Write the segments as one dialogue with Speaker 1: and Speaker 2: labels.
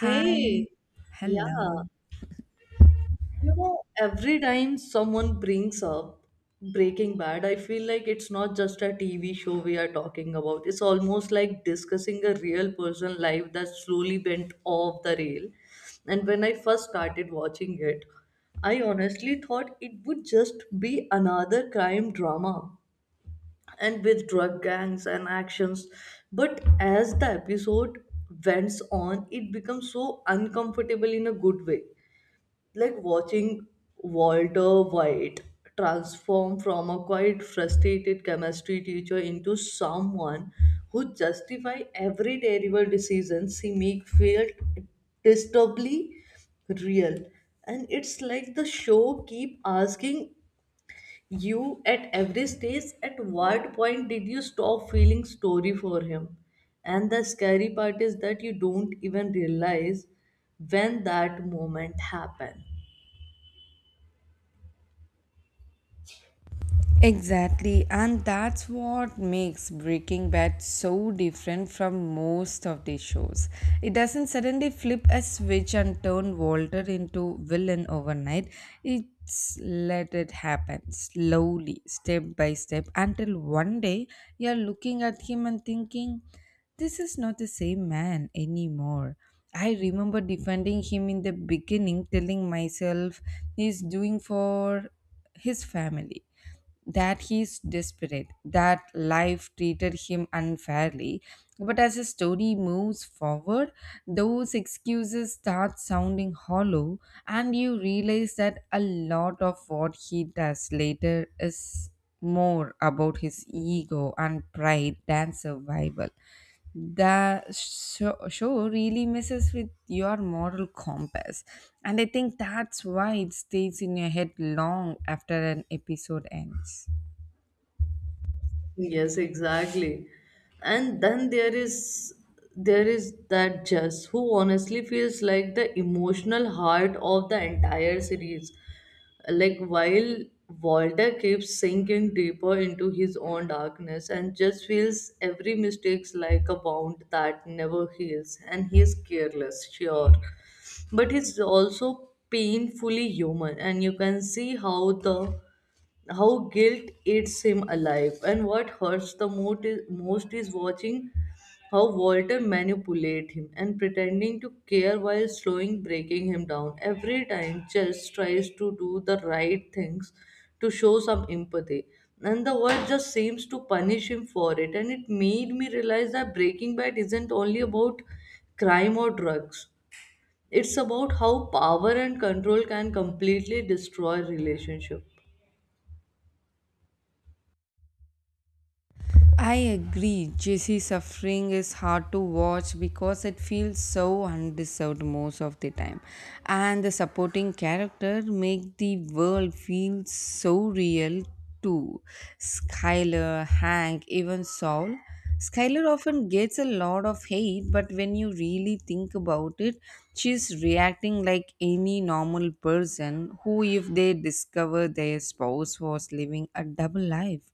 Speaker 1: Hi,
Speaker 2: yeah,
Speaker 1: hello.
Speaker 2: you know, every time someone brings up Breaking Bad, I feel like it's not just a TV show we are talking about. It's almost like discussing a real person life that slowly went off the rail. And when I first started watching it, I honestly thought it would just be another crime drama and with drug gangs and actions. But as the episode went on, it becomes so uncomfortable in a good way. Like watching Walter White transform from a quite frustrated chemistry teacher into someone who justify every terrible decision she make felt disturbingly real. And it's like the show keep asking you at every stage, at what point did you stop feeling story for him? And the scary part is that you don't even realize when that moment happened.
Speaker 1: Exactly, and that's what makes Breaking Bad so different from most of the shows. It doesn't suddenly flip a switch and turn Walter into villain overnight. It's let it happen slowly, step by step, until one day you're looking at him and thinking, this is not the same man anymore. I remember defending him in the beginning, telling myself he's doing for his family that he's desperate, that life treated him unfairly. But as the story moves forward, those excuses start sounding hollow, and you realize that a lot of what he does later is more about his ego and pride than survival that show really messes with your moral compass, and I think that's why it stays in your head long after an episode ends.
Speaker 2: Yes, exactly. And then there is that Jess who honestly feels like the emotional heart of the entire series. Like while Walter keeps sinking deeper into his own darkness and just feels every mistakes like a wound that never heals and he's careless, sure. But he's also painfully human and you can see how the how guilt eats him alive. And what hurts the most is watching how Walter manipulate him and pretending to care while slowing breaking him down. Every time Chess tries to do the right things to show some empathy. And the world just seems to punish him for it. And it made me realize that Breaking Bad isn't only about crime or drugs. It's about how power and control can completely destroy relationship.
Speaker 1: I agree. Jesse's suffering is hard to watch because it feels so undeserved most of the time. And the supporting character make the world feel so real too. Skyler, Hank, even Saul. Skyler often gets a lot of hate, but when you really think about it, she's reacting like any normal person who, if they discover their spouse was living a double life.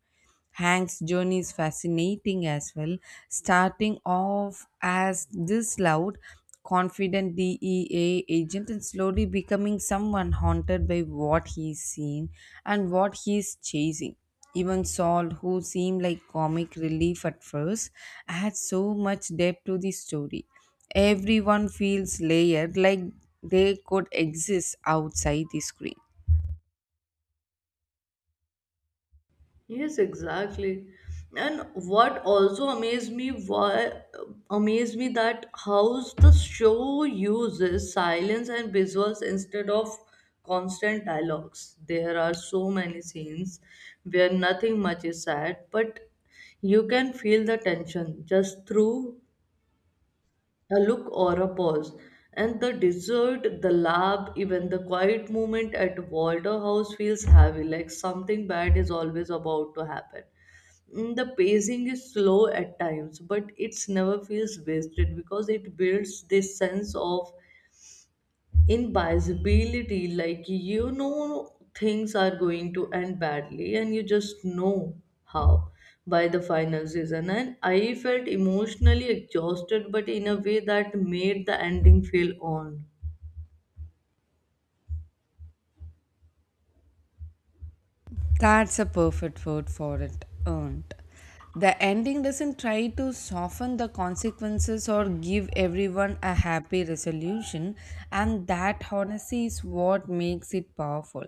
Speaker 1: Hank's journey is fascinating as well, starting off as this loud, confident DEA agent and slowly becoming someone haunted by what he's seen and what he's chasing. Even Saul, who seemed like comic relief at first, adds so much depth to the story. Everyone feels layered, like they could exist outside the screen.
Speaker 2: Yes, exactly. And what also amazed me that how the show uses silence and visuals instead of constant dialogues. There are so many scenes where nothing much is said, but you can feel the tension just through a look or a pause. And the desert, the lab, even the quiet moment at Walter House feels heavy, like something bad is always about to happen. The pacing is slow at times, but it's never feels wasted because it builds this sense of invincibility. Like you know things are going to end badly, and you just know how by the final season. And I felt emotionally exhausted, but in a way that made the ending feel earned.
Speaker 1: That's a perfect word for it, earned. The ending doesn't try to soften the consequences or give everyone a happy resolution, and that honesty is what makes it powerful.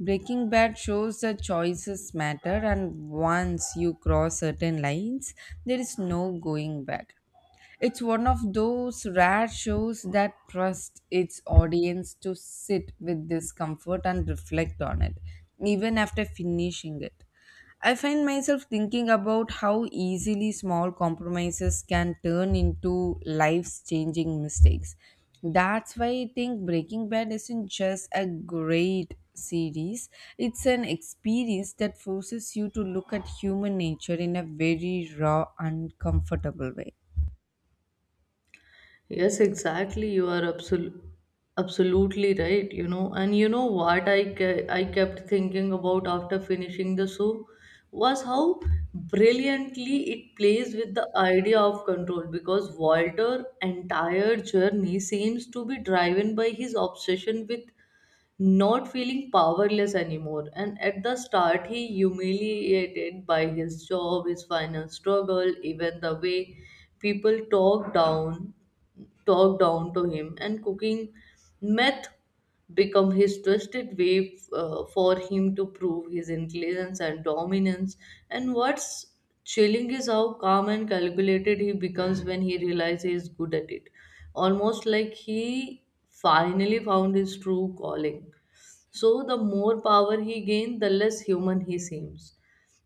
Speaker 1: Breaking Bad shows that choices matter, and once you cross certain lines, there is no going back. It's one of those rare shows that trusts its audience to sit with discomfort and reflect on it, even after finishing it. I find myself thinking about how easily small compromises can turn into life's changing mistakes. That's why I think Breaking Bad isn't just a great series, it's an experience that forces you to look at human nature in a very raw, uncomfortable way.
Speaker 2: Yes, exactly. You are absolutely right. You know, and you know what I kept thinking about after finishing the show was how brilliantly it plays with the idea of control because Walter' entire journey seems to be driven by his obsession with not feeling powerless anymore. And at the start, he humiliated by his job, his final struggle, even the way people talk down, talk down to him. And cooking meth become his twisted way for him to prove his intelligence and dominance. And what's chilling is how calm and calculated he becomes when he realizes he's good at it. Almost like he finally found his true calling. So, the more power he gained, the less human he seems.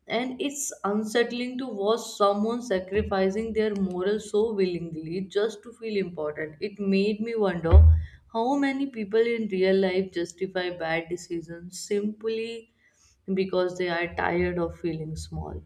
Speaker 2: And it's unsettling to watch someone sacrificing their morals so willingly just to feel important. It made me wonder how many people in real life justify bad decisions simply because they are tired of feeling small.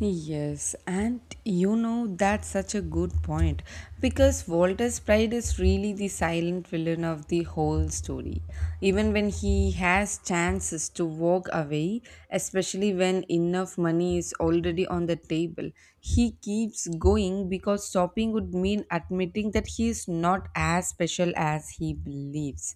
Speaker 1: Yes, and you know that's such a good point because Walter's pride is really the silent villain of the whole story. Even when he has chances to walk away, especially when enough money is already on the table, he keeps going because stopping would mean admitting that he is not as special as he believes.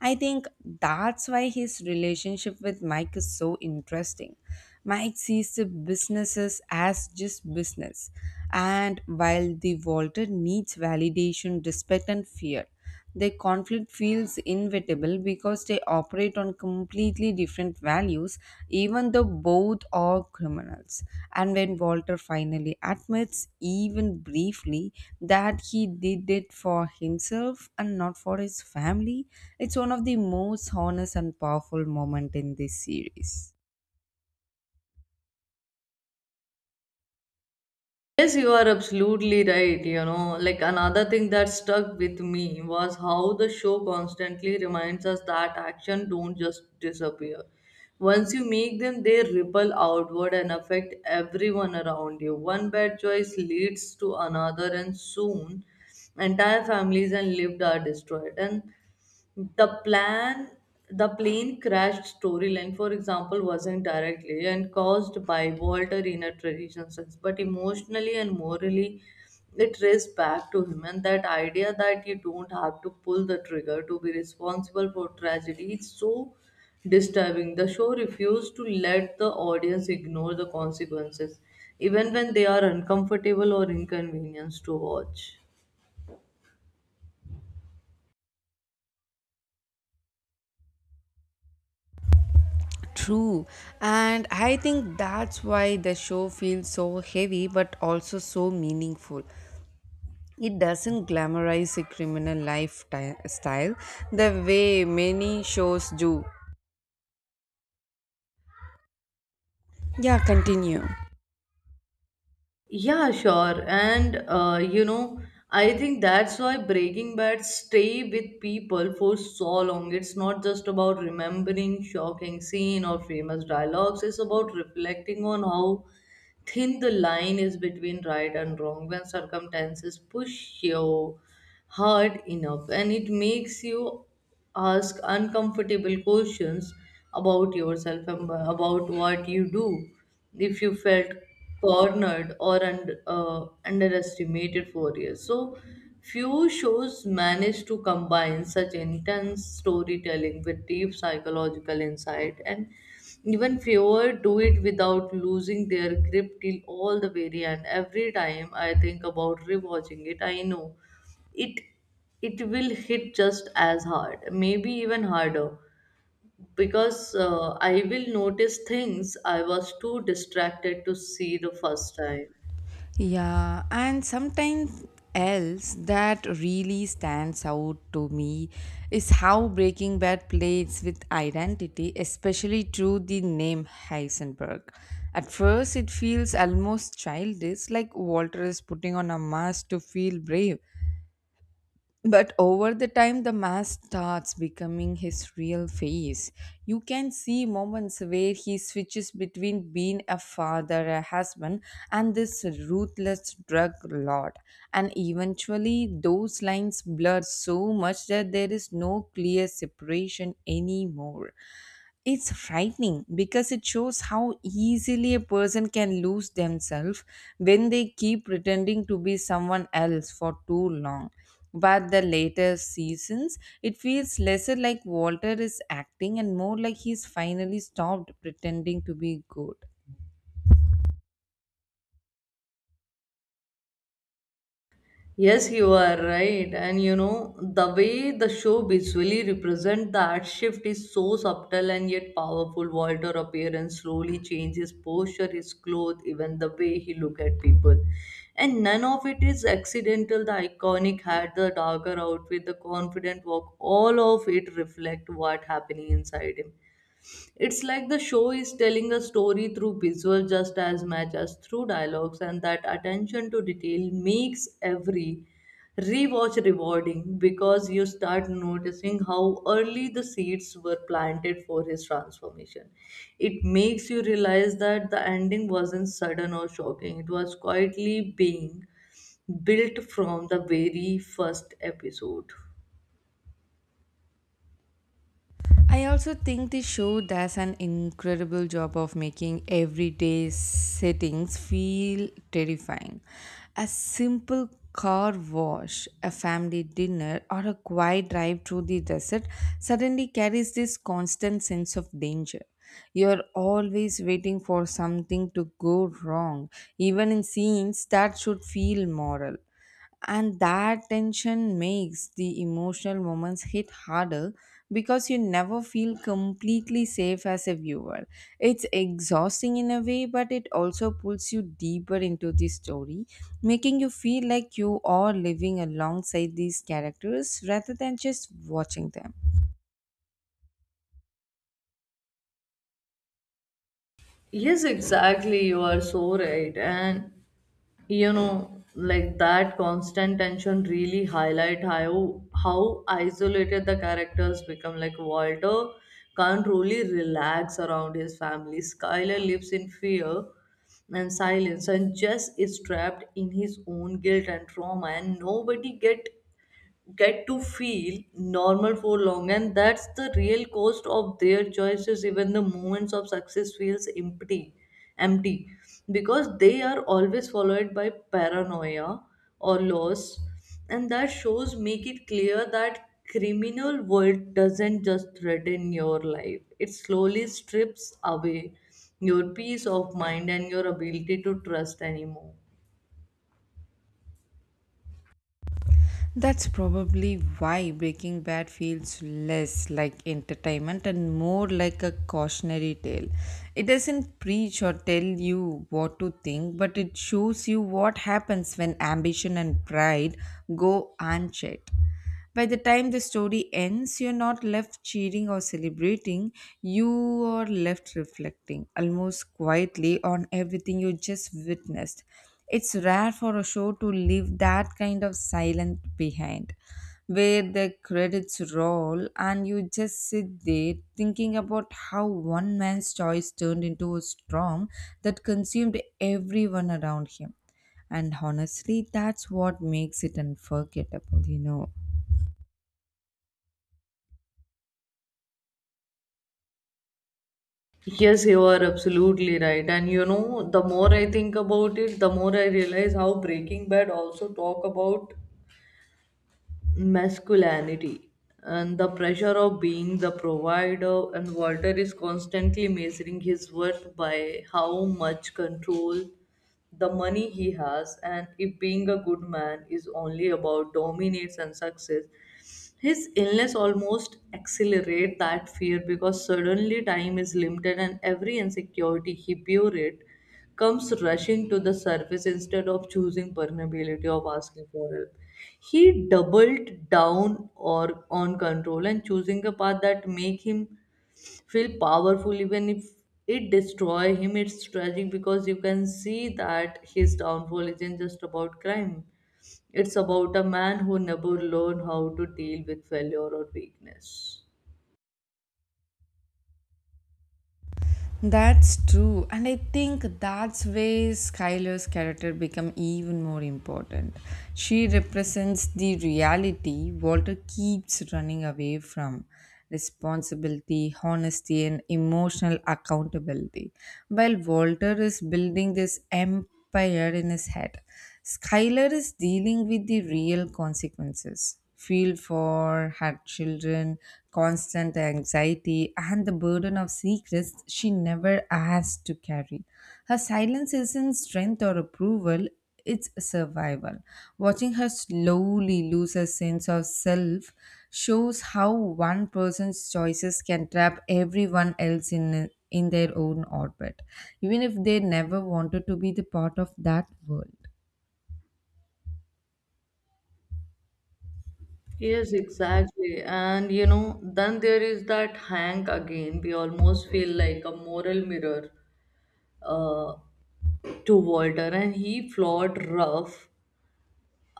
Speaker 1: I think that's why his relationship with Mike is so interesting. Mike sees the businesses as just business, and while the Walter needs validation, respect, and fear, their conflict feels inevitable because they operate on completely different values, even though both are criminals. And when Walter finally admits, even briefly, that he did it for himself and not for his family, it's one of the most honest and powerful moments in this series.
Speaker 2: Yes, you are absolutely right. You know, like another thing that stuck with me was how the show constantly reminds us that action don't just disappear. Once you make them, they ripple outward and affect everyone around you. One bad choice leads to another, and soon entire families and lived are destroyed. And the plan the plane crashed storyline for example wasn't directly and caused by walter in a traditional sense but emotionally and morally it traced back to him. And that idea that you don't have to pull the trigger to be responsible for tragedy is so disturbing. The show refused to let the audience ignore the consequences even when they are uncomfortable or inconvenienced to watch.
Speaker 1: True, and I think that's why the show feels so heavy but also so meaningful. It doesn't glamorize a criminal lifestyle the way many shows do. Yeah, continue.
Speaker 2: Yeah, sure. And you know, I think that's why Breaking Bad stay with people for so long. It's not just about remembering shocking scene or famous dialogues. It's about reflecting on how thin the line is between right and wrong when circumstances push you hard enough and it makes you ask uncomfortable questions about yourself and about what you do if you felt cornered or underestimated for years. So few shows manage to combine such intense storytelling with deep psychological insight and even fewer do it without losing their grip till all the very end. Every time I think about rewatching it I know it it will hit just as hard, maybe even harder because I will notice things I was too distracted to see the first time.
Speaker 1: Yeah, and sometimes else that really stands out to me is how Breaking Bad plays with identity, especially through the name Heisenberg. At first, it feels almost childish, like Walter is putting on a mask to feel brave. But over the time, the mask starts becoming his real face. You can see moments where he switches between being a father, a husband, and this ruthless drug lord. And eventually, those lines blur so much that there is no clear separation anymore. It's frightening because it shows how easily a person can lose themselves when they keep pretending to be someone else for too long. But the later seasons, it feels lesser like Walter is acting and more like he's finally stopped pretending to be good.
Speaker 2: Yes, you are right. And you know, the way the show visually represents that shift is so subtle and yet powerful. Walter appearance slowly changes posture, his clothes, even the way he look at people. And none of it is accidental. The iconic hat, the darker outfit, the confident walk, all of it reflect what happening inside him. It's like the show is telling a story through visuals just as much as through dialogues, and that attention to detail makes every rewatch rewarding because you start noticing how early the seeds were planted for his transformation. It makes you realize that the ending wasn't sudden or shocking, it was quietly being built from the very first episode.
Speaker 1: I also think the show does an incredible job of making everyday settings feel terrifying. A simple car wash, a family dinner, or a quiet drive through the desert suddenly carries this constant sense of danger. You're always waiting for something to go wrong, even in scenes that should feel moral, and that tension makes the emotional moments hit harder, because you never feel completely safe as a viewer. It's exhausting in a way, but it also pulls you deeper into the story, making you feel like you are living alongside these characters rather than just watching them.
Speaker 2: Yes, exactly. You are so right. And you know like that constant tension really highlight how isolated the characters become. Like walter can't really relax around his family. Skyler lives in fear and silence and jess is trapped in his own guilt and trauma and nobody get to feel normal for long. And that's the real cost of their choices. Even the moments of success feels empty because they are always followed by paranoia or loss. And that shows make it clear that criminal world doesn't just threaten your life, it slowly strips away your peace of mind and your ability to trust anymore.
Speaker 1: That's probably why Breaking Bad feels less like entertainment and more like a cautionary tale. It doesn't preach or tell you what to think, but it shows you what happens when ambition and pride go unchecked. By the time the story ends, you're not left cheering or celebrating, you are left reflecting almost quietly on everything you just witnessed. It's rare for a show to leave that kind of silence behind, where the credits roll and you just sit there thinking about how one man's choice turned into a storm that consumed everyone around him. And honestly, that's what makes it unforgettable.
Speaker 2: Yes, you are absolutely right. And you know, the more I think about it, the more I realize how Breaking Bad also talk about masculinity and the pressure of being the provider. And Walter is constantly measuring his worth by how much control the money he has and if being a good man is only about dominance and success. His illness almost accelerated that fear because suddenly time is limited and every insecurity he buried comes rushing to the surface instead of choosing permeability of asking for help. He doubled down or on control and choosing a path that make him feel powerful even if it destroy him. It's tragic because you can see that his downfall isn't just about crime, it's about a man who never learned how to deal with failure or weakness.
Speaker 1: That's true, and I think that's where Skylar's character become even more important. She represents the reality Walter keeps running away from responsibility, honesty, and emotional accountability. While Walter is building this empire in his head, Skylar is dealing with the real consequences feel for her children, constant anxiety, and the burden of secrets she never asked to carry. Her silence isn't strength or approval, it's survival. Watching her slowly lose her sense of self shows how one person's choices can trap everyone else in their own orbit, even if they never wanted to be the part of that world.
Speaker 2: Yes, exactly. And you know, then there is that Hank again. We almost feel like a moral mirror uh, to Walter, and he flawed rough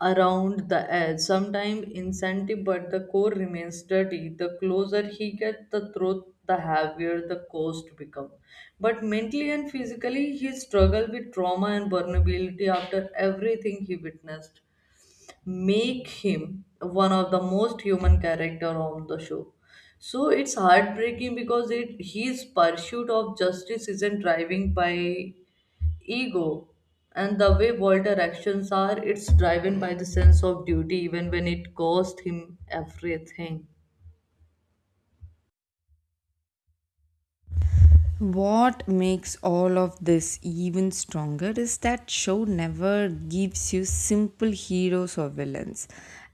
Speaker 2: around the edge, sometimes incentive, but the core remains dirty. The closer he gets the truth, the heavier the cost becomes. But mentally and physically, he struggled with trauma and vulnerability after everything he witnessed, make him one of the most human character on the show. So it's heartbreaking because it his pursuit of justice isn't driving by ego and the way Walter's actions are, it's driven by the sense of duty even when it cost him everything.
Speaker 1: What makes all of this even stronger is that show never gives you simple heroes or villains.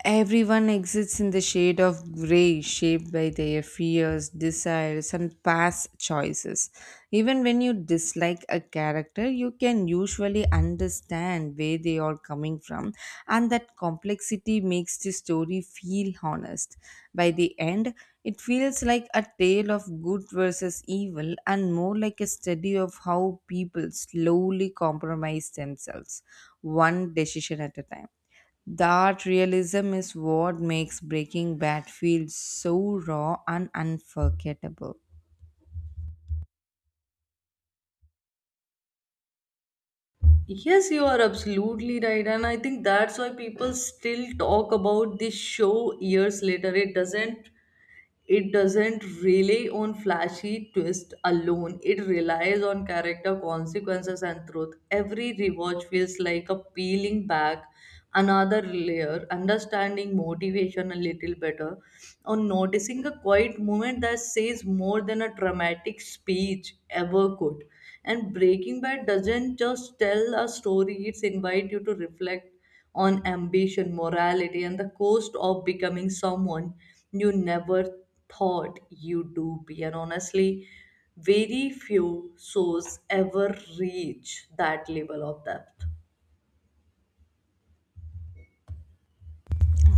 Speaker 1: Everyone exists in the shade of grey, shaped by their fears, desires, and past choices. Even when you dislike a character, you can usually understand where they are coming from, and that complexity makes the story feel honest. By the end, it feels like a tale of good versus evil and more like a study of how people slowly compromise themselves, one decision at a time. That realism is what makes Breaking Bad feel so raw and unforgettable.
Speaker 2: Yes, you are absolutely right, and I think that's why people still talk about this show years later. It doesn't rely on flashy twist alone. It relies on character consequences and truth. Every rewatch feels like a peeling back another layer, understanding motivation a little better or noticing a quiet moment that says more than a dramatic speech ever could. And breaking bad doesn't just tell a story, it's invite you to reflect on ambition, morality, and the cost of becoming someone you never thought you do be. And honestly, very few shows ever reach that level of depth.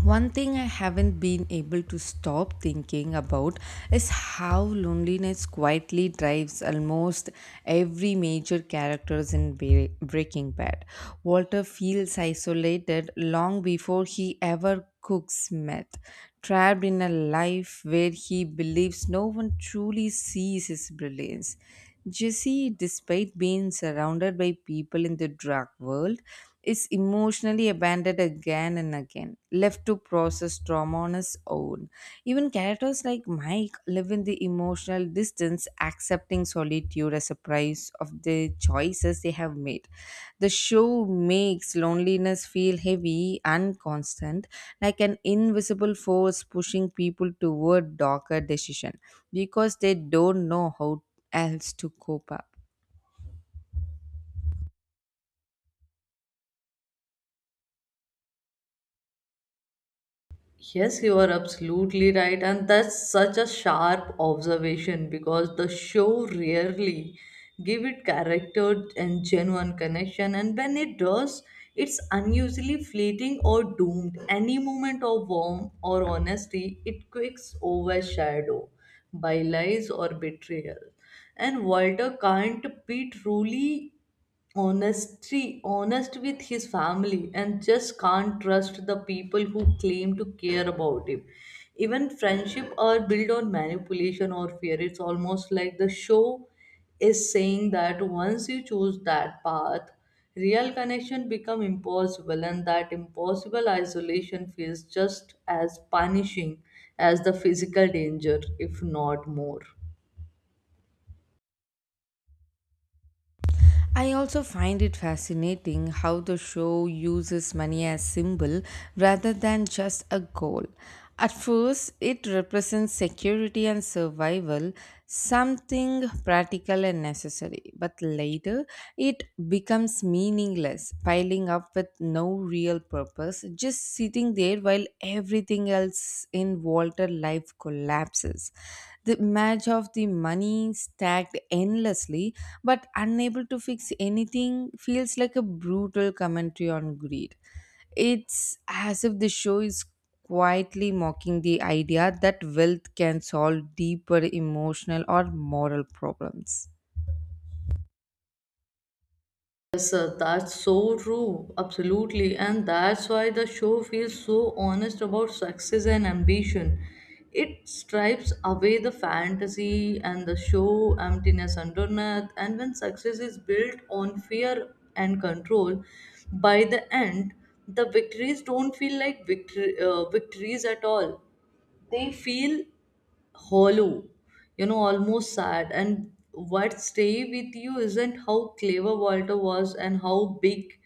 Speaker 1: One thing I haven't been able to stop thinking about is how loneliness quietly drives almost every major characters in Breaking Bad. Walter feels isolated long before he ever cooks meth, trapped in a life where he believes no one truly sees his brilliance. Jesse, despite being surrounded by people in the drug world, is emotionally abandoned again and again, left to process trauma on his own. Even characters like Mike live in the emotional distance, accepting solitude as a price of the choices they have made. The show makes loneliness feel heavy and constant, like an invisible force pushing people toward darker decision because they don't know how else to cope up.
Speaker 2: Yes, you are absolutely right, and that's such a sharp observation because the show rarely give it character and genuine connection, and when it does, it's unusually fleeting or doomed. Any moment of warmth or honesty, it quicks overshadowed by lies or betrayal. And Walter can't be truly honestly honest with his family and just can't trust the people who claim to care about him. Even friendship are built on manipulation or fear. It's almost like the show is saying that once you choose that path real connection become impossible and that impossible isolation feels just as punishing as the physical danger if not more.
Speaker 1: I also find it fascinating how the show uses money as symbol rather than just a goal. At first, it represents security and survival, something practical and necessary, but later it becomes meaningless, piling up with no real purpose, just sitting there while everything else in Walter life collapses. The image of the money stacked endlessly but unable to fix anything feels like a brutal commentary on greed. It's as if the show is quietly mocking the idea that wealth can solve deeper emotional or moral problems.
Speaker 2: Yes, sir, that's so true. Absolutely. And that's why the show feels so honest about success and ambition. It stripes away the fantasy and the show emptiness underneath. And when success is built on fear and control, by the end, the victories don't feel like victories at all. They feel hollow, you know, almost sad. And what stay with you isn't how clever Walter was and how big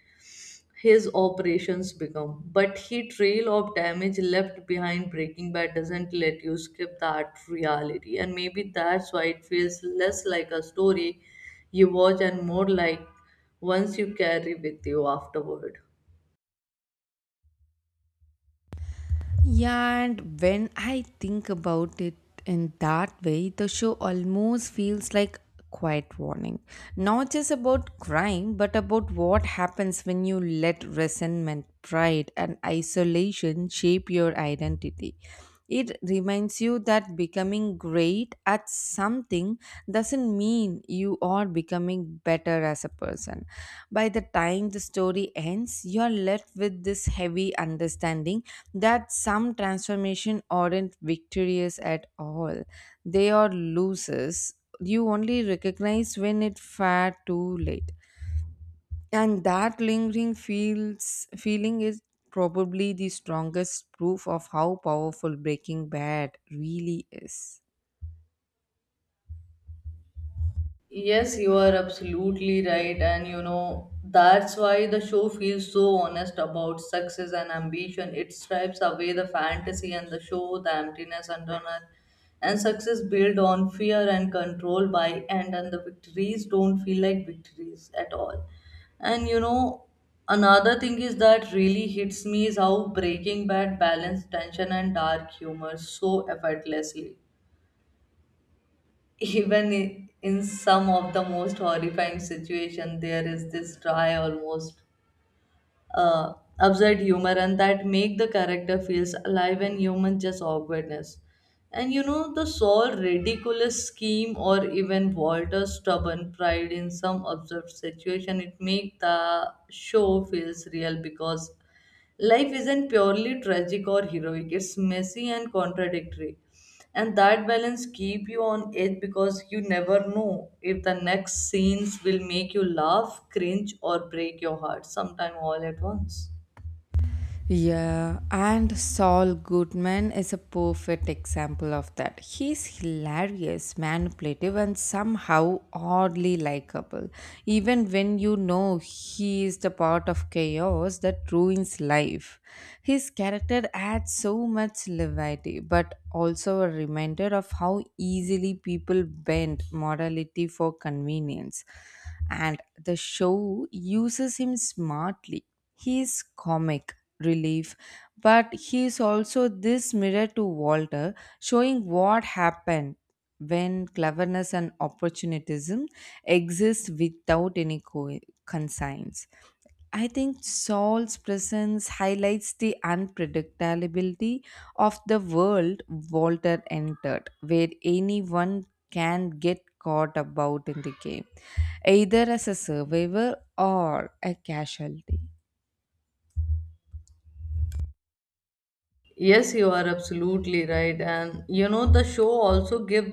Speaker 2: his operations become, but he trail of damage left behind. Breaking Bad doesn't let you skip that reality. And maybe that's why it feels less like a story you watch and more like once you carry with you afterward.
Speaker 1: Yeah, and when I think about it in that way, the show almost feels like quiet warning. Not just about crime, but about what happens when you let resentment, pride, and isolation shape your identity. It reminds you that becoming great at something doesn't mean you are becoming better as a person. By the time the story ends, you are left with this heavy understanding that some transformation aren't victorious at all. They are losers. You only recognize when it's far too late, and that lingering feels feeling is probably the strongest proof of how powerful Breaking Bad really is.
Speaker 2: Yes, you are absolutely right. And you know, that's why the show feels so honest about success and ambition. It stripes away the fantasy and the show, the emptiness underneath, and success built on fear and control by end, and the victories don't feel like victories at all. And you know, another thing is that really hits me is how Breaking Bad balanced tension and dark humor so effortlessly even in some of the most horrifying situations there is this dry almost uh, absurd humor, and that make the character feels alive and human just awkwardness. And you know, the sole ridiculous scheme or even Walter's stubborn pride in some absurd situation, it make the show feels real because life isn't purely tragic or heroic. It's messy and contradictory. And that balance keep you on edge because you never know if the next scenes will make you laugh, cringe or break your heart sometime all at once.
Speaker 1: Yeah, and Saul Goodman is a perfect example of that. He's hilarious, manipulative, and somehow oddly likable, even when you know he is the part of chaos that ruins life. His character adds so much levity, but also a reminder of how easily people bend morality for convenience. And the show uses him smartly. He is comic relief, but he is also this mirror to Walter, showing what happened when cleverness and opportunism exist without any consigns. I think Saul's presence highlights the unpredictability of the world Walter entered, where anyone can get caught about in the game, either as a survivor or a casualty.
Speaker 2: Yes, you are absolutely right. And you know, the show also give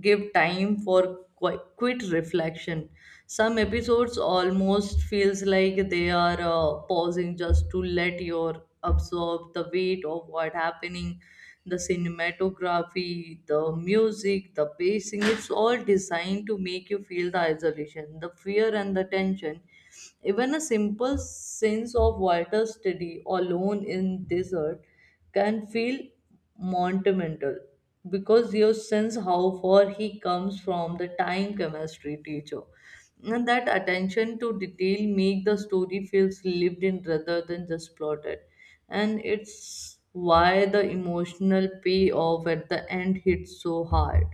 Speaker 2: give time for quit reflection. Some episodes almost feels like they are pausing just to let your absorb the weight of what happening. The cinematography, the music, the pacing, it's all designed to make you feel the isolation, the fear and the tension, even a simple sense of water steady alone in desert can feel monumental because you sense how far he comes from the time chemistry teacher. And that attention to detail make the story feels lived in rather than just plotted. And it's why the emotional payoff at the end hits so hard.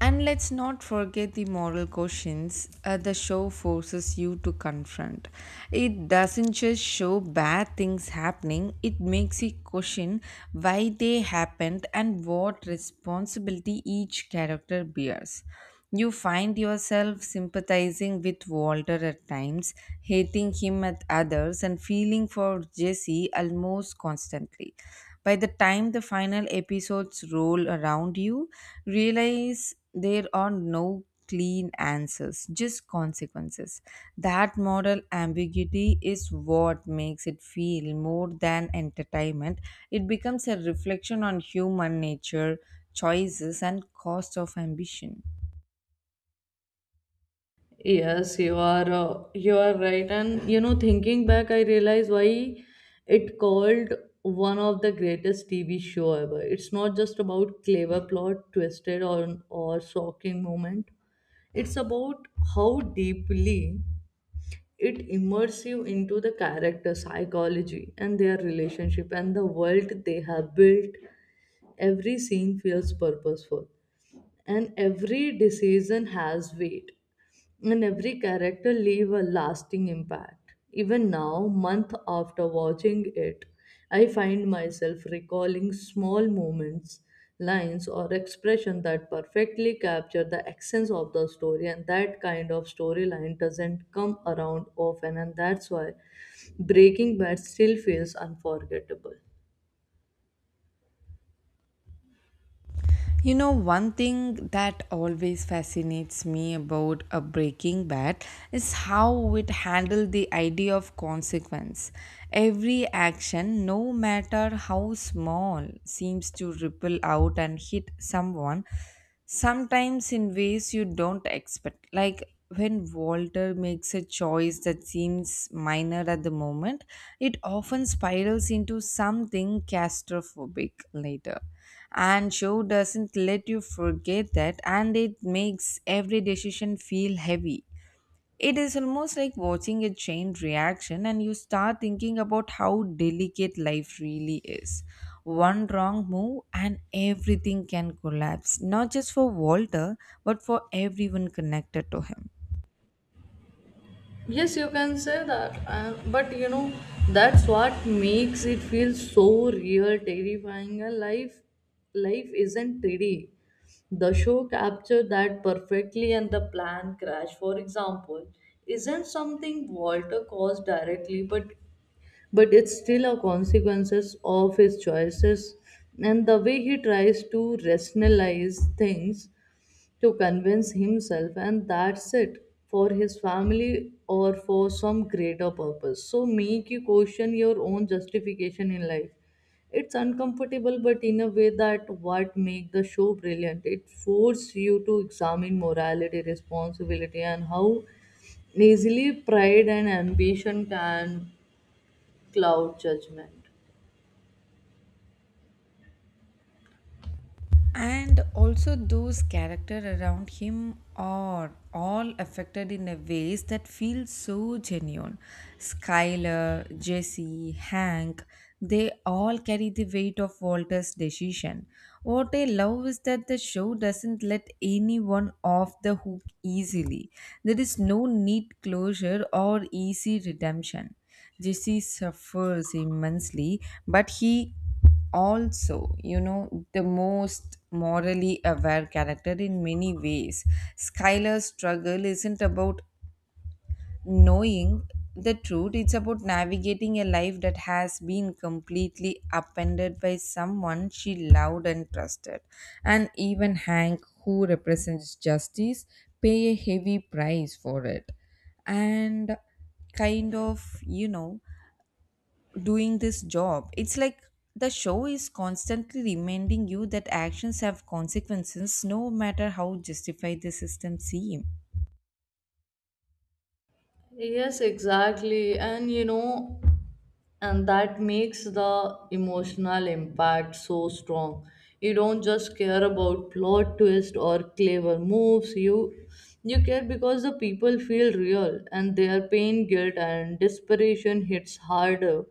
Speaker 1: And let's not forget the moral questions the show forces you to confront. It doesn't just show bad things happening, it makes you question why they happened and what responsibility each character bears. You find yourself sympathizing with Walter at times, hating him at others, and feeling for Jesse almost constantly. By the time the final episodes roll around, you realize there are no clean answers, just consequences. That moral ambiguity is what makes it feel more than entertainment. It becomes a reflection on human nature, choices, and cost of ambition.
Speaker 2: Yes, you are right. And you know, thinking back, I realize why it called one of the greatest TV show ever. It's not just about clever plot, twisted or shocking moment. It's about how deeply it immerses you into the character psychology and their relationship and the world they have built. Every scene feels purposeful and every decision has weight, and every character leave a lasting impact. Even now, month after watching it, I find myself recalling small moments, lines or expression that perfectly capture the essence of the story. And that kind of storyline doesn't come around often, and that's why Breaking Bad still feels unforgettable.
Speaker 1: You know, one thing that always fascinates me about a Breaking Bad is how it handled the idea of consequence. Every action, no matter how small, seems to ripple out and hit someone sometimes in ways you don't expect. Like when Walter makes a choice that seems minor at the moment, it often spirals into something claustrophobic later. And show doesn't let you forget that, and it makes every decision feel heavy. It is almost like watching a chain reaction, and you start thinking about how delicate life really is. One wrong move, and everything can collapse, not just for Walter, but for everyone connected to him.
Speaker 2: Yes, you can say that, but you know that's what makes it feel so real, terrifying. Life isn't pretty. The show captured that perfectly, and the plane crash, for example, isn't something Walter caused directly, but it's still a consequences of his choices, and the way he tries to rationalize things, to convince himself and that's it for his family or for some greater purpose, so make you question your own justification in life. It's uncomfortable, but in a way that what make the show brilliant. It forces you to examine morality, responsibility, and how easily pride and ambition can cloud judgment.
Speaker 1: And also those characters around him are all affected in a ways that feel so genuine. Skyler, Jesse, Hank, they all carry the weight of Walter's decision. What I love is that the show doesn't let anyone off the hook easily. There is no neat closure or easy redemption. Jesse suffers immensely, but he also, the most morally aware character in many ways. Skylar's struggle isn't about knowing the truth. It's about navigating a life that has been completely upended by someone she loved and trusted. And even Hank, who represents justice, pay a heavy price for it. And kind of, doing this job, it's like the show is constantly reminding you that actions have consequences, no matter how justified the system seem.
Speaker 2: Yes, exactly. And you know, and that makes the emotional impact so strong. You don't just care about plot twist or clever moves, you care because the people feel real and their pain, guilt and desperation hits harder.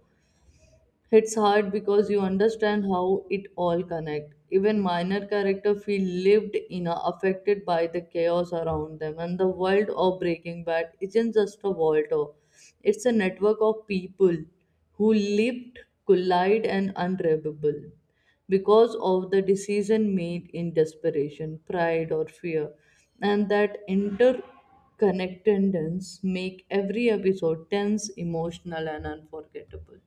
Speaker 2: It's hard because you understand how it all connect. Even minor character feel lived in, affected by the chaos around them. And the world of Breaking Bad isn't just a world. It's a network of people who lived, collide, and unrevivable because of the decision made in desperation, pride, or fear. And that interconnectedness make every episode tense, emotional, and unforgettable.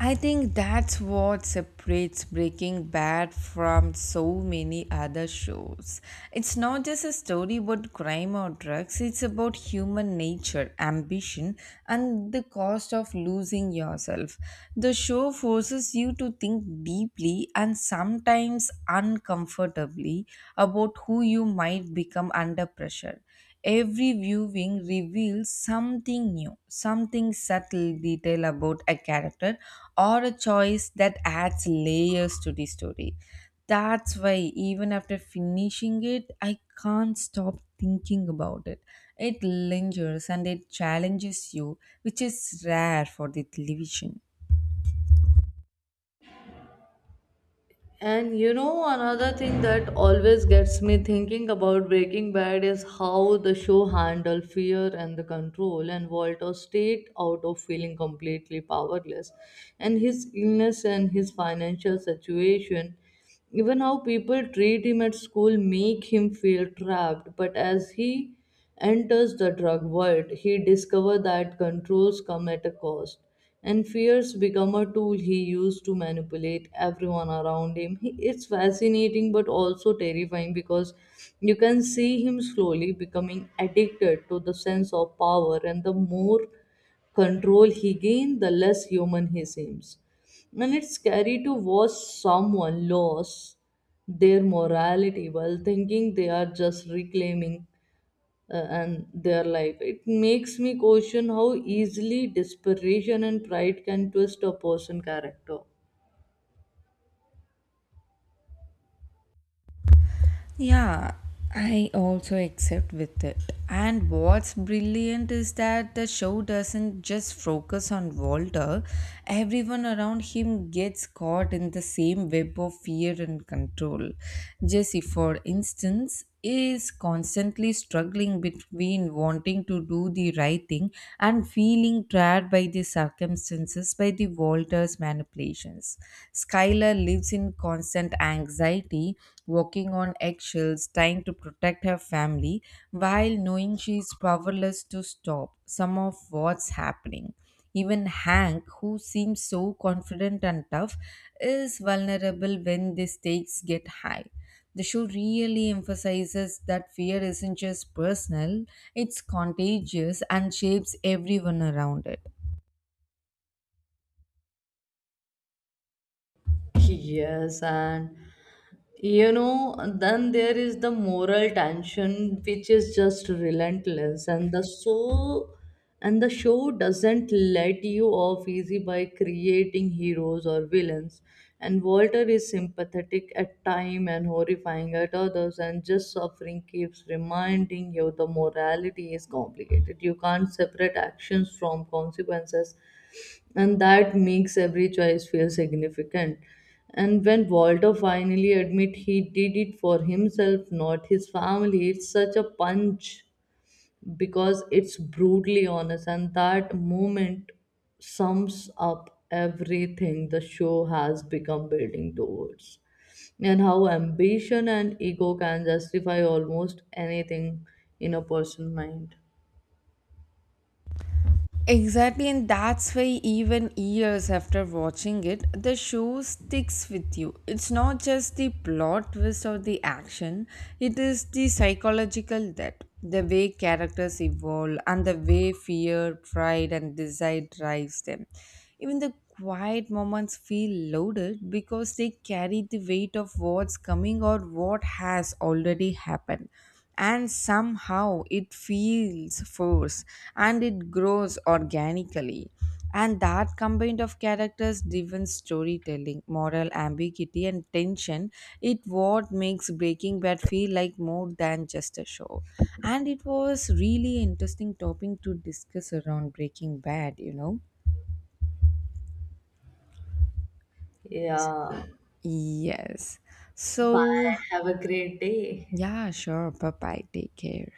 Speaker 1: I think that's what separates Breaking Bad from so many other shows. It's not just a story about crime or drugs, it's about human nature, ambition, and the cost of losing yourself. The show forces you to think deeply and sometimes uncomfortably about who you might become under pressure. Every viewing reveals something new, something subtle detail about a character or a choice that adds layers to the story. That's why, even after finishing it, I can't stop thinking about it. It lingers and it challenges you, which is rare for the television.
Speaker 2: And you know, another thing that always gets me thinking about Breaking Bad is how the show handled fear and the control, and Walter stayed out of feeling completely powerless. And his illness and his financial situation, even how people treat him at school, make him feel trapped, but as he enters the drug world, he discovers that controls come at a cost, and fears become a tool he used to manipulate everyone around him. He, it's fascinating but also terrifying because you can see him slowly becoming addicted to the sense of power, and the more control he gains, the less human he seems. And it's scary to watch someone lose their morality while thinking they are just reclaiming and their life. It makes me question how easily desperation and pride can twist a person's character.
Speaker 1: Yeah, I also accept with it. And what's brilliant is that the show doesn't just focus on Walter, everyone around him gets caught in the same web of fear and control. Jesse, for instance, is constantly struggling between wanting to do the right thing and feeling trapped by the circumstances by the Walter's manipulations. Skylar lives in constant anxiety, walking on eggshells, trying to protect her family while knowing she is powerless to stop some of what's happening. Even Hank, who seems so confident and tough, is vulnerable when the stakes get high. The show really emphasizes that fear isn't just personal, it's contagious and shapes everyone around it.
Speaker 2: Yes, and you know, then there is the moral tension which is just relentless, and the so and the show doesn't let you off easy by creating heroes or villains. And Walter is sympathetic at time and horrifying at others, and just suffering keeps reminding you the morality is complicated. You can't separate actions from consequences, and that makes every choice feel significant. And when Walter finally admit he did it for himself, not his family, it's such a punch because it's brutally honest, and that moment sums up everything the show has become building towards, and how ambition and ego can justify almost anything in a person's mind.
Speaker 1: Exactly, and that's why even years after watching it, the show sticks with you. It's not just the plot twist or the action, it is the psychological depth, the way characters evolve, and the way fear, pride, and desire drives them. Even the quiet moments feel loaded because they carry the weight of what's coming or what has already happened, and somehow it feels forced and it grows organically. And that combined of characters driven storytelling, moral ambiguity and tension, it what makes Breaking Bad feel like more than just a show. And it was really interesting topic to discuss around Breaking Bad, you know?
Speaker 2: Yeah.
Speaker 1: Yes. So,
Speaker 2: Bye. Have a great day.
Speaker 1: yeah, sure. Bye bye, take care.